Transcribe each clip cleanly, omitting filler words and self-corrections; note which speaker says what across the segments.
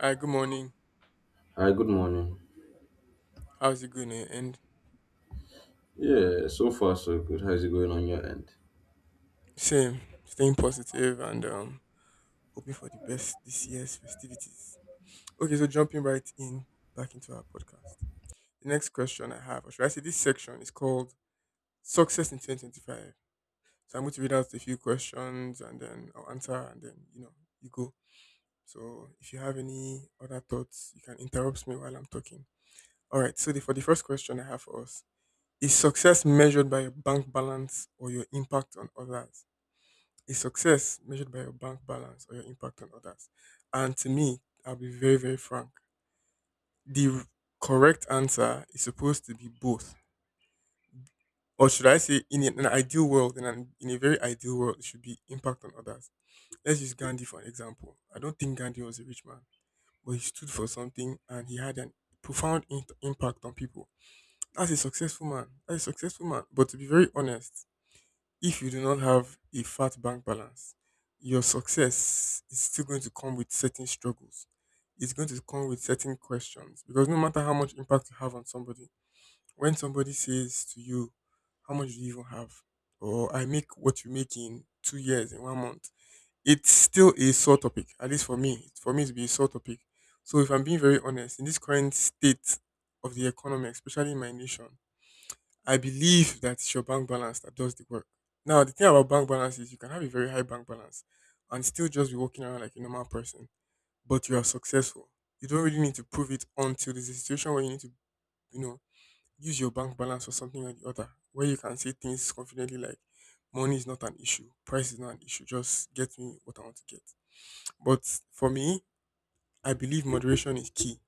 Speaker 1: Hi, good morning.
Speaker 2: Hi, good morning.
Speaker 1: How's it going? Eh? And
Speaker 2: Yeah, so far so good. How's it going on your end?
Speaker 1: same, staying positive and hoping for the best this year's festivities. Okay, so jumping right in back into our podcast. The next question I have, or should I say this section is called Success in 2025. So I'm going to read out a few questions and then I'll answer and then, you go. So if you have any other thoughts, you can interrupt me while I'm talking. All right, so for the first question I have for us, is success measured by your bank balance or your impact on others? Is success measured by your bank balance or your impact on others? And to me, I'll be very, very frank. The correct answer is supposed to be both. Or should I say, in an ideal world, in a very ideal world, it should be impact on others. Let's use Gandhi for an example. I don't think Gandhi was a rich man, but he stood for something and he had an impact on people. That's a successful man. That's a successful man. But to be very honest, if you do not have a fat bank balance, your success is still going to come with certain struggles. It's going to come with certain questions because no matter how much impact you have on somebody, when somebody says to you, how much do you even have? Or I make what you make in 2 years, in 1 month. It's still a sore topic, at least for me. For me, to be a sore topic. So, if I'm being very honest, in this current state of the economy, especially in my nation, I believe that it's your bank balance that does the work. Now, the thing about bank balance is you can have a very high bank balance and still just be walking around like a normal person, but you are successful. You don't really need to prove it until there's a situation where you need to, you know, use your bank balance for something or the other, where you can say things confidently like, money is not an issue, price is not an issue, just get me what I want to get. But for me, I believe moderation is key.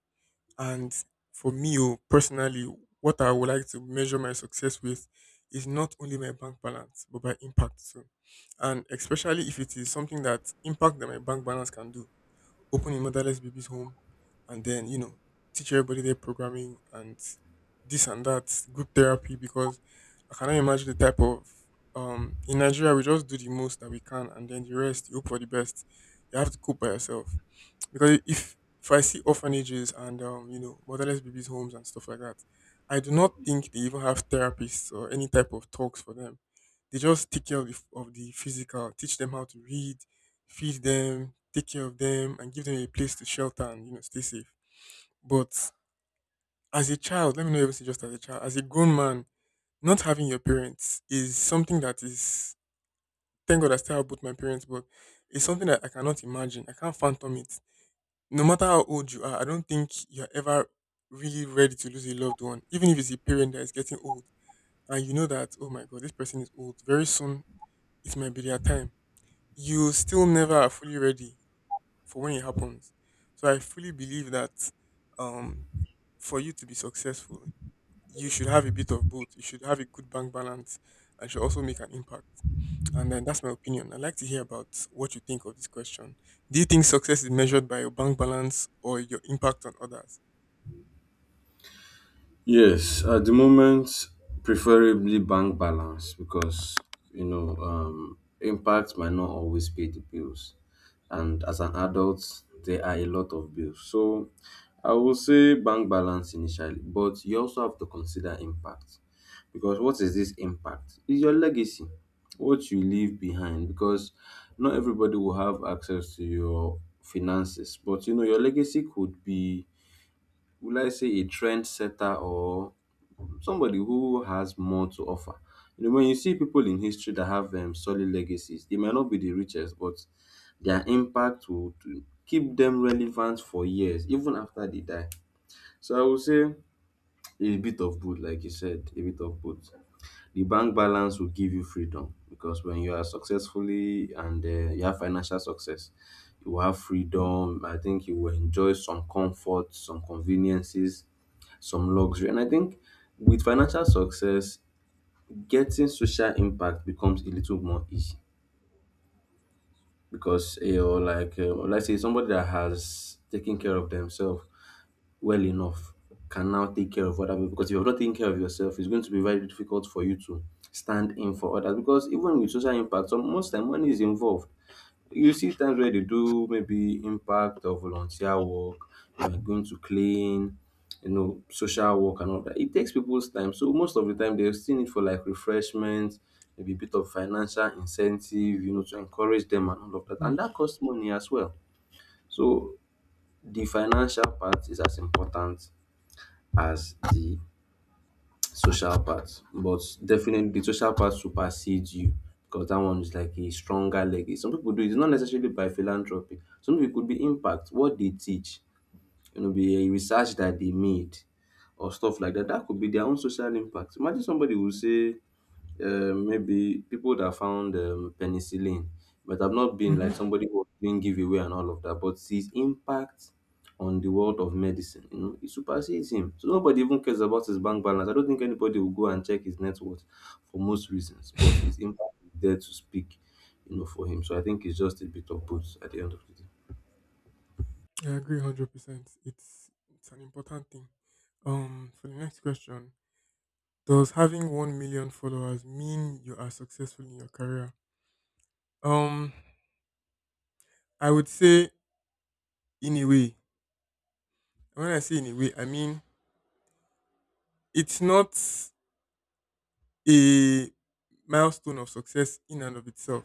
Speaker 1: And for me, oh, personally, what I would like to measure my success with is not only my bank balance, but my impact too. And especially if it is something that impact that my bank balance can do, opening motherless babies home, and then teach everybody their programming and this and that group therapy because I cannot imagine the type of in Nigeria we just do the most that we can and then the rest you hope for the best. You have to cope by yourself because if I see orphanages and motherless babies homes and stuff like that, I do not think they even have therapists or any type of talks for them. They just take care of of the physical, teach them how to read, feed them, take care of them, and give them a place to shelter and stay safe. But as a child, let me not even say just as a child, as a grown man, not having your parents is something that is, thank God I still have both my parents, but it's something that I cannot imagine. I can't phantom it no matter how old you are, I don't think you're ever really ready to lose a loved one, even if it's a parent that is getting old and you know that, oh my god, this person is old. Very soon it might be their time. You still never are fully ready for when it happens. So I fully believe that um for you to be successful, you should have a bit of both. You should have a good bank balance and should also make an impact. And then that's my opinion. I'd like to hear about what you think of this question. Do you think success is measured by your bank balance or your impact on others?
Speaker 2: Yes, at the moment, preferably bank balance because impact might not always pay the bills, and as an adult, there are a lot of bills. So, I will say bank balance initially, but you also have to consider impact. Because what is this impact? Is your legacy, what you leave behind, because not everybody will have access to your finances, but you know your legacy could be, will I say, a trendsetter or somebody who has more to offer. You know, when you see people in history that have solid legacies, they might not be the richest, but their impact will to keep them relevant for years, even after they die. So I would say a bit of both, like you said, a bit of both. The bank balance will give you freedom because when you are successfully and you have financial success, you will have freedom. I think you will enjoy some comfort, some conveniences, some luxury. And I think with financial success, getting social impact becomes a little more easy because you know, like let's say somebody that has taken care of themselves well enough can now take care of other people, because if you're not taking care of yourself, it's going to be very difficult for you to stand in for others. Because even with social impact, some most time money is involved. You see times where they do maybe impact or volunteer work, you are going to clean, you know, social work and all that, it takes people's time. So most of the time they still need for like refreshments, maybe a bit of financial incentive, you know, to encourage them and all of that,
Speaker 1: Mm,
Speaker 2: and that costs money as well. So the financial part is as important as the social part, but definitely the social part supersedes you because that one is like a stronger legacy. Some people do it, it's not necessarily by philanthropy. Some people could be impact, what they teach, you know, be a research that they made or stuff like that. That could be their own social impact. Imagine somebody will say maybe people that found penicillin, but I've not been
Speaker 1: mhm.
Speaker 2: like somebody who was doing giveaway and all of that, but his impact on the world of medicine, you know, it supersedes him. So nobody even cares about his bank balance. I don't think anybody will go and check his net worth for most reasons, but
Speaker 1: I
Speaker 2: his impact is there to speak, you know, for him. So I think it's just a bit of both at the end of the day.
Speaker 1: agree 100%. It's an important thing. For the next question, does having 1 million followers mean you are successful in your career? Um, I would say in a way. When I say in a way, I mean it's not a milestone of success in and of itself.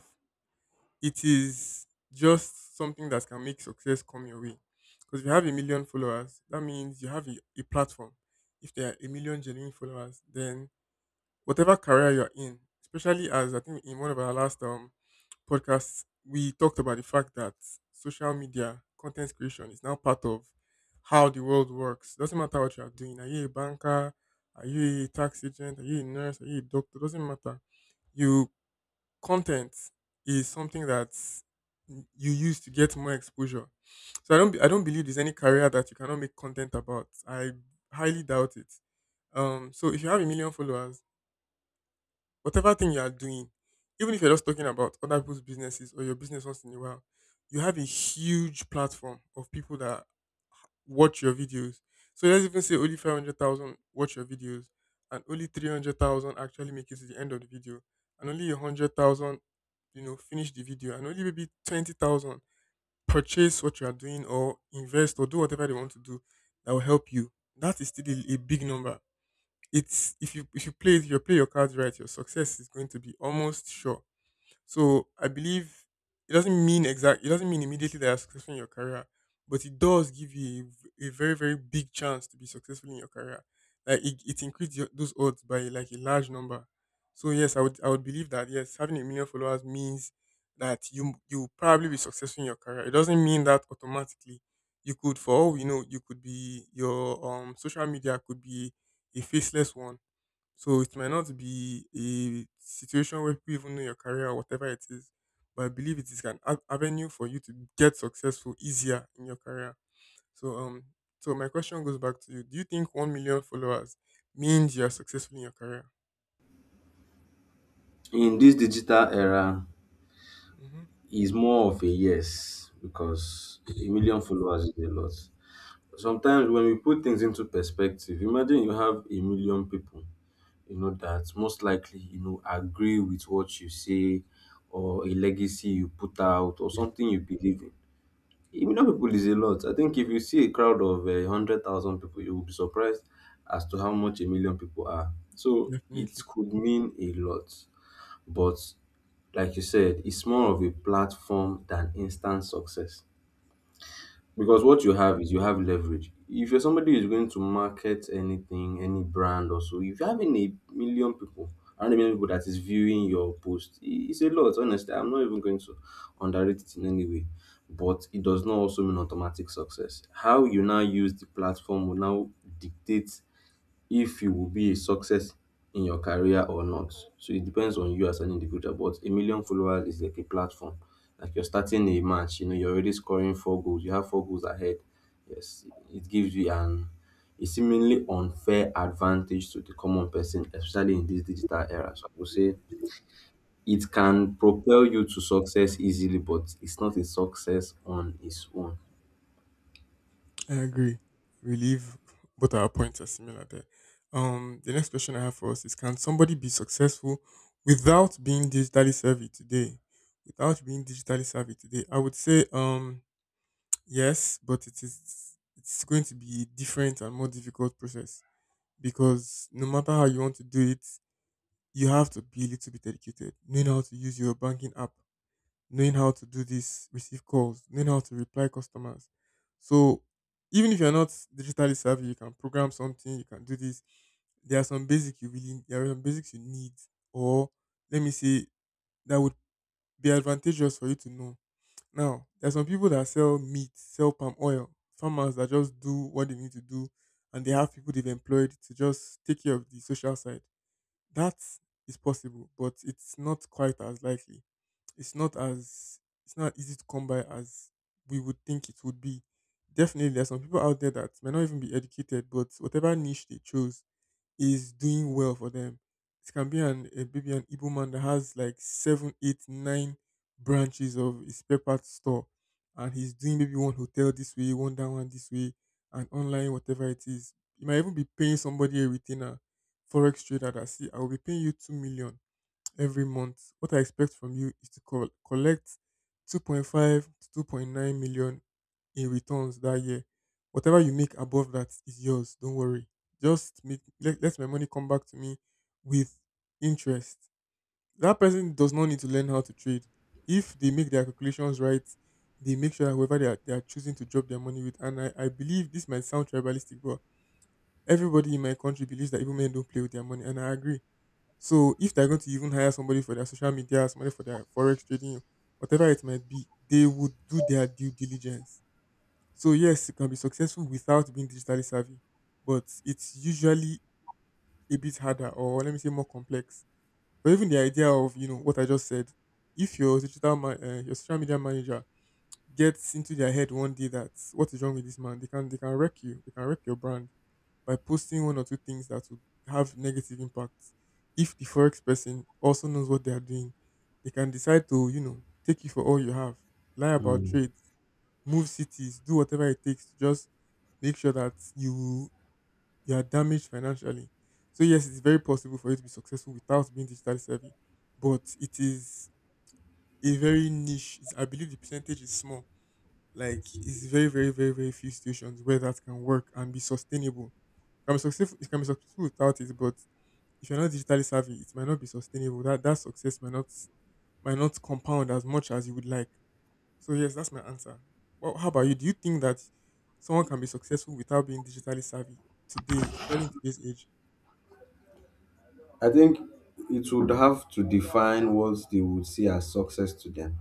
Speaker 1: It is just something that can make success come your way. Because if you have a million followers, that means you have a platform. If there are a million genuine followers, then whatever career you're in, especially as I think in one of our last podcasts, we talked about the fact that social media content creation is now part of how the world works. Doesn't matter what you are doing. Are you a banker? Are you a tax agent? Are you a nurse? Are you a doctor? Doesn't matter. You content is something that you use to get more exposure. So I don't believe there's any career that you cannot make content about. I highly doubt it. So if you have a million followers, whatever thing you are doing, even if you're just talking about other people's businesses or your business once in a while, you have a huge platform of people that watch your videos. So let's even say only 500,000 watch your videos and only 300,000 actually make it to the end of the video and only 100,000, finish the video and only maybe 20,000 purchase what you are doing or invest or do whatever they want to do that will help you. That is still a big number. It's if you play your cards right, your success is going to be almost sure. So I believe it doesn't mean exact. It doesn't mean immediately that you're successful in your career, but it does give you a very very big chance to be successful in your career. It increases those odds by like a large number. So yes, I would believe that yes, having a million followers means that you will probably be successful in your career. It doesn't mean that automatically. You could, for all we know, you could be your social media could be a faceless one so it might not be a situation where people even know your career or whatever it is, but I believe it is an avenue for you to get successful easier in your career. So so my question goes back to you: Do you think 1 million followers means you are successful in your career?
Speaker 2: In this digital era
Speaker 1: Hmm.
Speaker 2: is more of a yes, because a million followers is a lot. Sometimes when we put things into perspective, imagine you have a million people, you know, that most likely, you know, agree with what you say or a legacy you put out or something you believe in. A million people is a lot. I think if you see a crowd of 100,000 people, you will be surprised as to how much a million people are. So it
Speaker 1: Definitely,
Speaker 2: could mean a lot. But like you said, it's more of a platform than instant success. Because what you have is you have leverage. If you're somebody who's going to market anything, any brand or so, if you're having a million people, and a million people that is viewing your post, it's a lot, honestly. I'm not even going to underrate it in any way. But it does not also mean automatic success. How you now use the platform will now dictate if you will be a success in your career or not. So it depends on you as an individual, but a million followers is like a platform. Like you're starting a match, you know, you're already scoring four goals, you have four goals ahead. Yes, it gives you an a seemingly unfair advantage to the common person, especially in this digital era. So I would say it can propel you to success easily, but it's not a success on its own.
Speaker 1: I agree. I believe both our points are similar there. The next question I have for us is: Can somebody be successful without being digitally savvy today? Without being digitally savvy today, I would say yes, but it's going to be a different and more difficult process because no matter how you want to do it, you have to be a little bit educated. Knowing how to use your banking app, knowing how to do this, receive calls, knowing how to reply customers. So even if you're not digitally savvy, you can program something, you can do this. There are some basic you really there are some basics you need or let me say that would be advantageous for you to know. Now, there are some people that sell meat, sell palm oil, farmers that just do what they need to do, and they have people they've employed to just take care of the social side. That is possible, but it's not quite as likely. It's not as it's not easy to come by as we would think it would be. Definitely, there are some people out there that may not even be educated, but whatever niche they chose, is doing well for them. It can be an a baby an Igbo man that has like 7, 8, 9 branches of his spare store, and he's doing maybe one hotel this way, one this way, and online whatever it is. He might even be paying somebody a retainer, forex trader that see I will be paying you 2 million every month. What I expect from you is to collect 2.5 to 2.9 million in returns that year. Whatever you make above that is yours. Don't worry. Just make let, let my money come back to me with interest. That person does not need to learn how to trade. If they make their calculations right, they make sure that whoever they are choosing to drop their money with. And I believe this might sound tribalistic, but everybody in my country believes that even men don't play with their money. And I agree. So if they're going to even hire somebody for their social media, somebody for their forex trading, whatever it might be, they would do their due diligence. So yes, you can be successful without being digitally savvy, but it's usually a bit harder, or let me say more complex. But even the idea of what I just said, if your your social media manager gets into their head one day that what is wrong with this man, they can, they can wreck you, they can wreck your brand by posting one or two things that would have negative impacts. If the forex person also knows what they are doing, they can decide to, take you for all you have, lie about
Speaker 2: Mm.
Speaker 1: trades, move cities, do whatever it takes to just make sure that you are damaged financially. So yes, it's very possible for you to be successful without being digitally savvy, but it is a very niche. It's, I believe the percentage is small. Like it's very, very, very, very few situations where that can work and be sustainable. Can be successful, it can be successful without it, but if you're not digitally savvy, it might not be sustainable. That success might not compound as much as you would like. So yes, that's my answer. Well, how about you? Do you think that someone can be successful without being digitally savvy today, especially in today's age?
Speaker 2: I think it would have to define what they would see as success to them,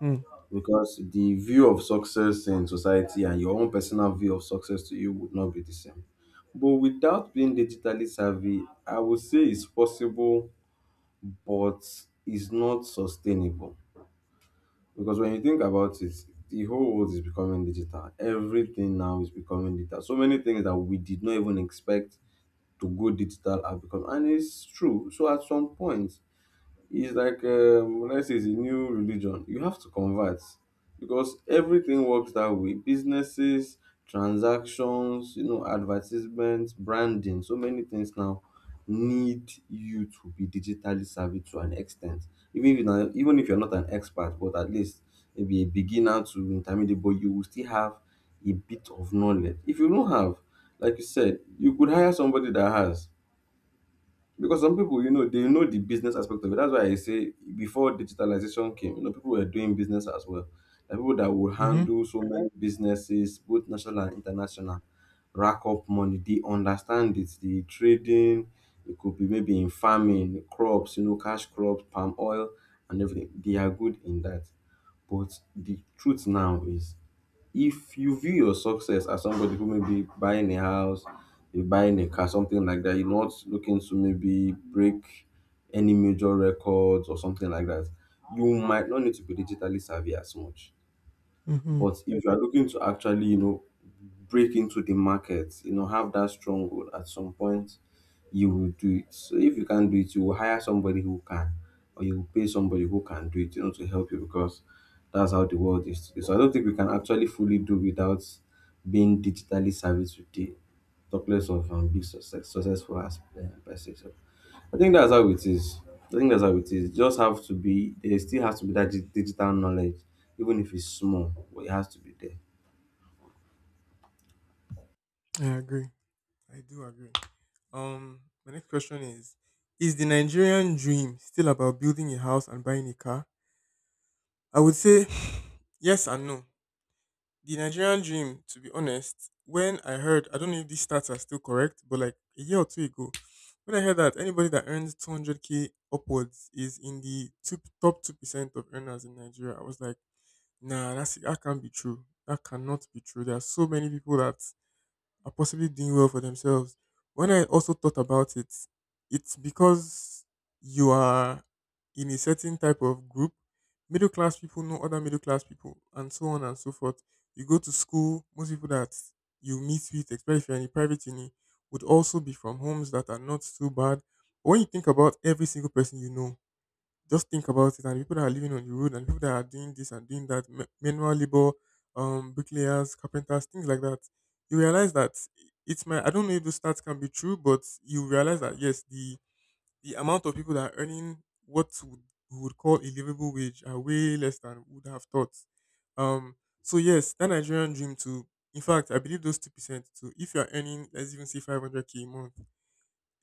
Speaker 1: Hmm.
Speaker 2: because the view of success in society and your own personal view of success to you would not be the same. But without being digitally savvy, I would say it's possible, but it's not sustainable. Because when you think about it, the whole world is becoming digital. Everything now is becoming digital. So many things that we did not even expect to go digital are becoming, and it's true. So at some point, it's like what I say it's a new religion. You have to convert because everything works that way. Businesses, transactions, you know, advertisements, branding, so many things now need you to be digitally savvy to an extent. Even if you're not, even if you're not an expert, but at least maybe a beginner to intermediate, but you will still have a bit of knowledge. If you don't have, like you said, you could hire somebody that has. Because some people, you know, they know the business aspect of it. That's why I say before digitalization came, you know, people were doing business as well. There are people that would
Speaker 1: Mm-hmm.
Speaker 2: handle so many businesses, both national and international, rack up money. They understand it. The trading, it could be maybe in farming, crops, you know, cash crops, palm oil, and everything. They are good in that. But the truth now is if you view your success as somebody who may be buying a house, you're buying a car, something like that, you're not looking to maybe break any major records or something like that, you might not need to be digitally savvy as much.
Speaker 1: Mm-hmm.
Speaker 2: But if you are looking to actually, you know, break into the market, you know, have that stronghold at some point, you will do it. So if you can't do it, you will hire somebody who can, or you will pay somebody who can do it, you know, to help you because that's how the world is today. So I don't think we can actually fully do without being digitally savvy today. Talk less of being success, successful as by success. I think that's how it is. I think that's how it is. Just have to be there. Still has to be that digital knowledge, even if it's small, but it has to be there.
Speaker 1: I agree. I do agree. My next question is: is the Nigerian dream still about building a house and buying a car? I would say yes and no. The Nigerian dream, to be honest, when I heard, I don't know if these stats are still correct, but like a year or two ago, when I heard that anybody that earns 200k upwards is in the two, top 2% of earners in Nigeria, I was like, nah, that's, that can't be true. That cannot be true. There are so many people that are possibly doing well for themselves. When I also thought about it, it's because you are in a certain type of group. Middle class people know other middle class people, and so on and so forth. You go to school, most people that you meet with, especially if you're in a private uni, would also be from homes that are not too bad. But when you think about every single person you know, just think about it, and people that are living on the road, and people that are doing this and doing that, manual labor, bricklayers, carpenters, things like that. You realize that it's my. I don't know if those stats can be true, but you realize that yes, the amount of people that are earning what would, we would call a livable wage are way less than we would have thought. Um, so yes, that Nigerian dream to. In fact, I believe those 2% too. If you are earning, let's even say 500 k a month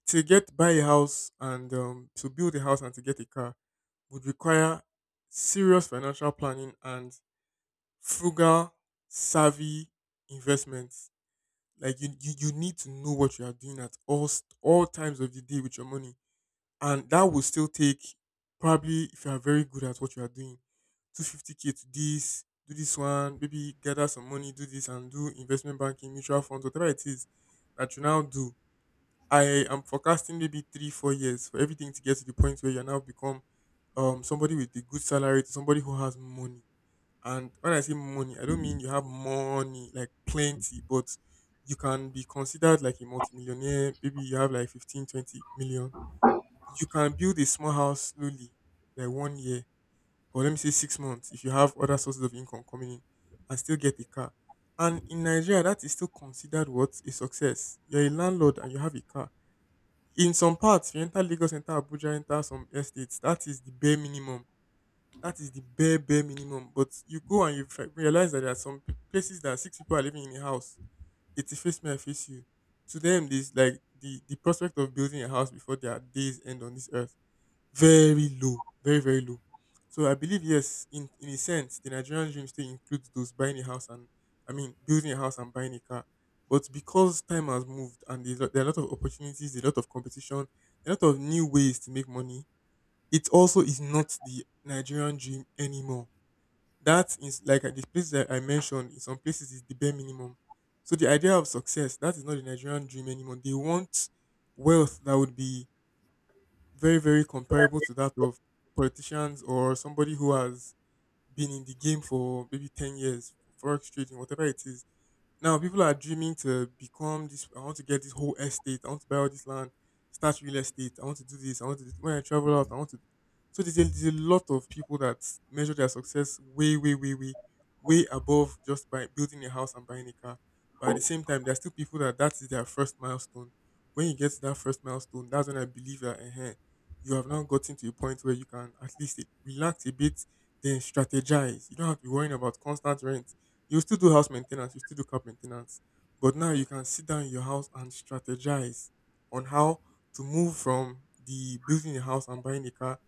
Speaker 1: to get buy a house and to build a house and to get a car would require serious financial planning and frugal, savvy investments. Like you need to know what you are doing at all times of the day with your money, and that will still take probably if you are very good at what you are doing, 250 k to this, do this one, maybe gather some money, do this and do investment banking, mutual funds, whatever it is that you now do. I am forecasting maybe three, 4 years for everything to get to the point where you now become somebody with a good salary to somebody who has money. And when I say money, I don't mean you have money, like plenty, but you can be considered like a multimillionaire. Maybe you have like 15, 20 million. You can build a small house slowly, like one year, or let me say 6 months, if you have other sources of income coming in and still get a car. And in Nigeria, that is still considered what? A success. You're a landlord and you have a car in some parts. You enter Lagos, enter Abuja, enter some estates. That is the bare minimum. That is the bare bare minimum. But you go and you realize that there are some places that six people are living in a house. It's a face me, I face you. To them, this like the prospect of building a house before their days end on this earth very low, very, very low. So I believe yes, in a sense, the Nigerian dream still includes those buying a house and I mean building a house and buying a car. But because time has moved and there are a lot of opportunities, a lot of competition, a lot of new ways to make money, it also is not the Nigerian dream anymore. That is like at the place that I mentioned. In some places, is the bare minimum. So the idea of success that is not the Nigerian dream anymore. They want wealth that would be very, very comparable to that of politicians or somebody who has been in the game for maybe 10 years, forex trading, whatever it is. Now people are dreaming to become this. I want to get this whole estate. I want to buy all this land, start real estate. I want to do this. I want to do, when I travel out. I want to. So there's a lot of people that measure their success way, way, way, way, way above just by building a house and buying a car. But at the same time, there are still people that that is their first milestone. When you get to that first milestone, that's when I believe that you have now gotten to a point where you can at least relax a bit, then strategize. You don't have to be worrying about constant rent, you still do house maintenance, you still do car maintenance, but now you can sit down in your house and strategize on how to move from the building a house and buying a car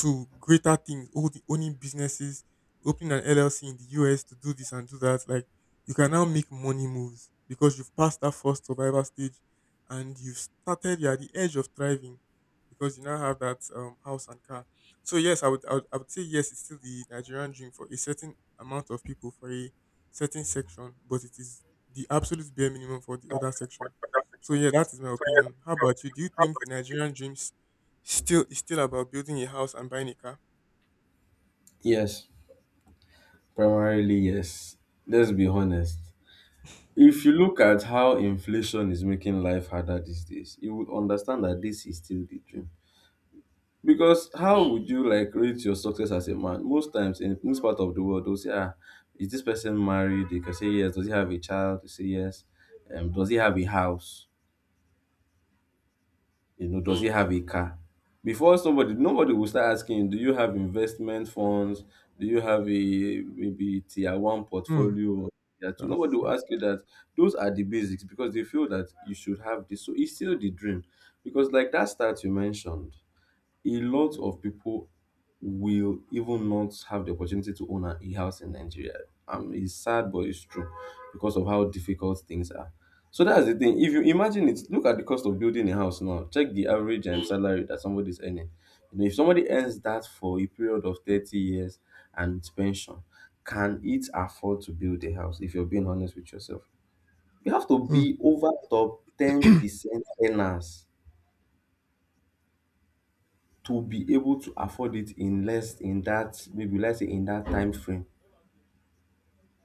Speaker 1: to greater things, all the owning businesses, opening an LLC in the US to do this and do that. Like you can now make money moves because you've passed that first survival stage and you've started, you're at the edge of thriving because you now have that house and car. So yes, I would say yes, it's still the Nigerian dream for a certain amount of people for a certain section, but it is the absolute bare minimum for the other section. So yeah, that is my opinion. How about you? Do you think the Nigerian dreams still is still about building a house and buying a car?
Speaker 2: Yes, primarily yes. Let's be honest. If you look at how inflation is making life harder these days, you would understand that this is still the dream. Because how would you like rate your success as a man? Most times in most part of the world, they'll say, ah, is this person married? They can say yes. Does he have a child? They say yes. Does he have a house? You know, does he have a car? Before somebody, nobody will start asking, do you have investment funds? Do you have a maybe tier one
Speaker 1: Hmm,
Speaker 2: portfolio? Yeah, two?
Speaker 1: that's
Speaker 2: Nobody will
Speaker 1: true.
Speaker 2: ask you that. Those are the basics because they feel that you should have this. So it's still the dream. Because like that start you mentioned, a lot of people will even not have the opportunity to own a house in Nigeria. It's sad, but it's true because of how difficult things are. So that's the thing. If you imagine it, look at the cost of building a house now. Check the average salary that somebody's earning. You know, if somebody earns that for a period of 30 years and with pension, can it afford to build a house? If you're being honest with yourself, you have to
Speaker 1: Hmm,
Speaker 2: be over top 10% earners to be able to afford it in less in that maybe let's say in that time frame.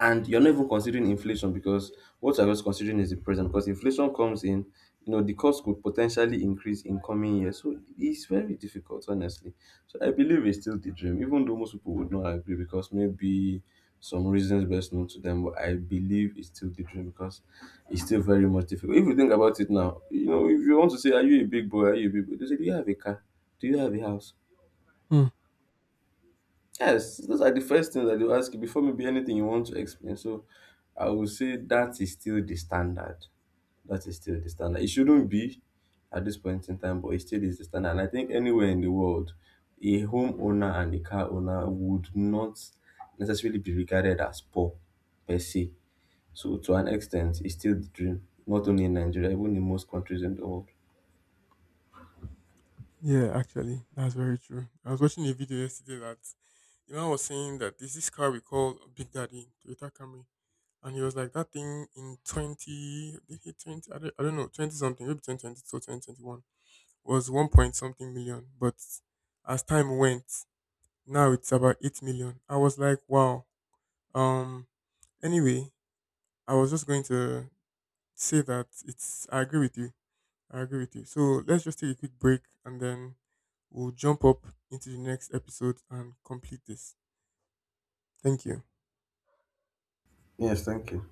Speaker 2: And you're not even considering inflation because what you're just considering is the present. Because inflation comes in, you know, the cost could potentially increase in coming years. So it's very difficult, honestly. So I believe it's still the dream, even though most people would not agree because maybe some reasons best known to them. But I believe it's still the dream because it's still very much difficult. If you think about it now, you know, if you want to say, are you a big boy? Are you a big boy? They say, do you have a car? Do you have a house?
Speaker 1: hmm.
Speaker 2: Yes, those are the first things that they will ask you before maybe anything you want to explain. So I would say that is still the standard. That is still the standard. It shouldn't be at this point in time, but it still is the standard. And I think anywhere in the world, a homeowner and a car owner would not necessarily be regarded as poor per se. So to an extent, it's still the dream, not only in Nigeria, even in most countries in the world.
Speaker 1: Yeah, actually, that's very true. I was watching a video yesterday that I was saying that there's this car we call Big Daddy, Toyota Camry, and he was like, that thing in 20, did he 20, I don't know, 20 something, maybe 2020 or 2021, was 1 point something million. But as time went, now it's about 8 million. I was like, wow. Um anyway, I was just going to say that it's I agree with you. I agree with you. So let's just take a quick break and then we'll jump up into the next episode and complete this. Thank you.
Speaker 2: Yes, thank you.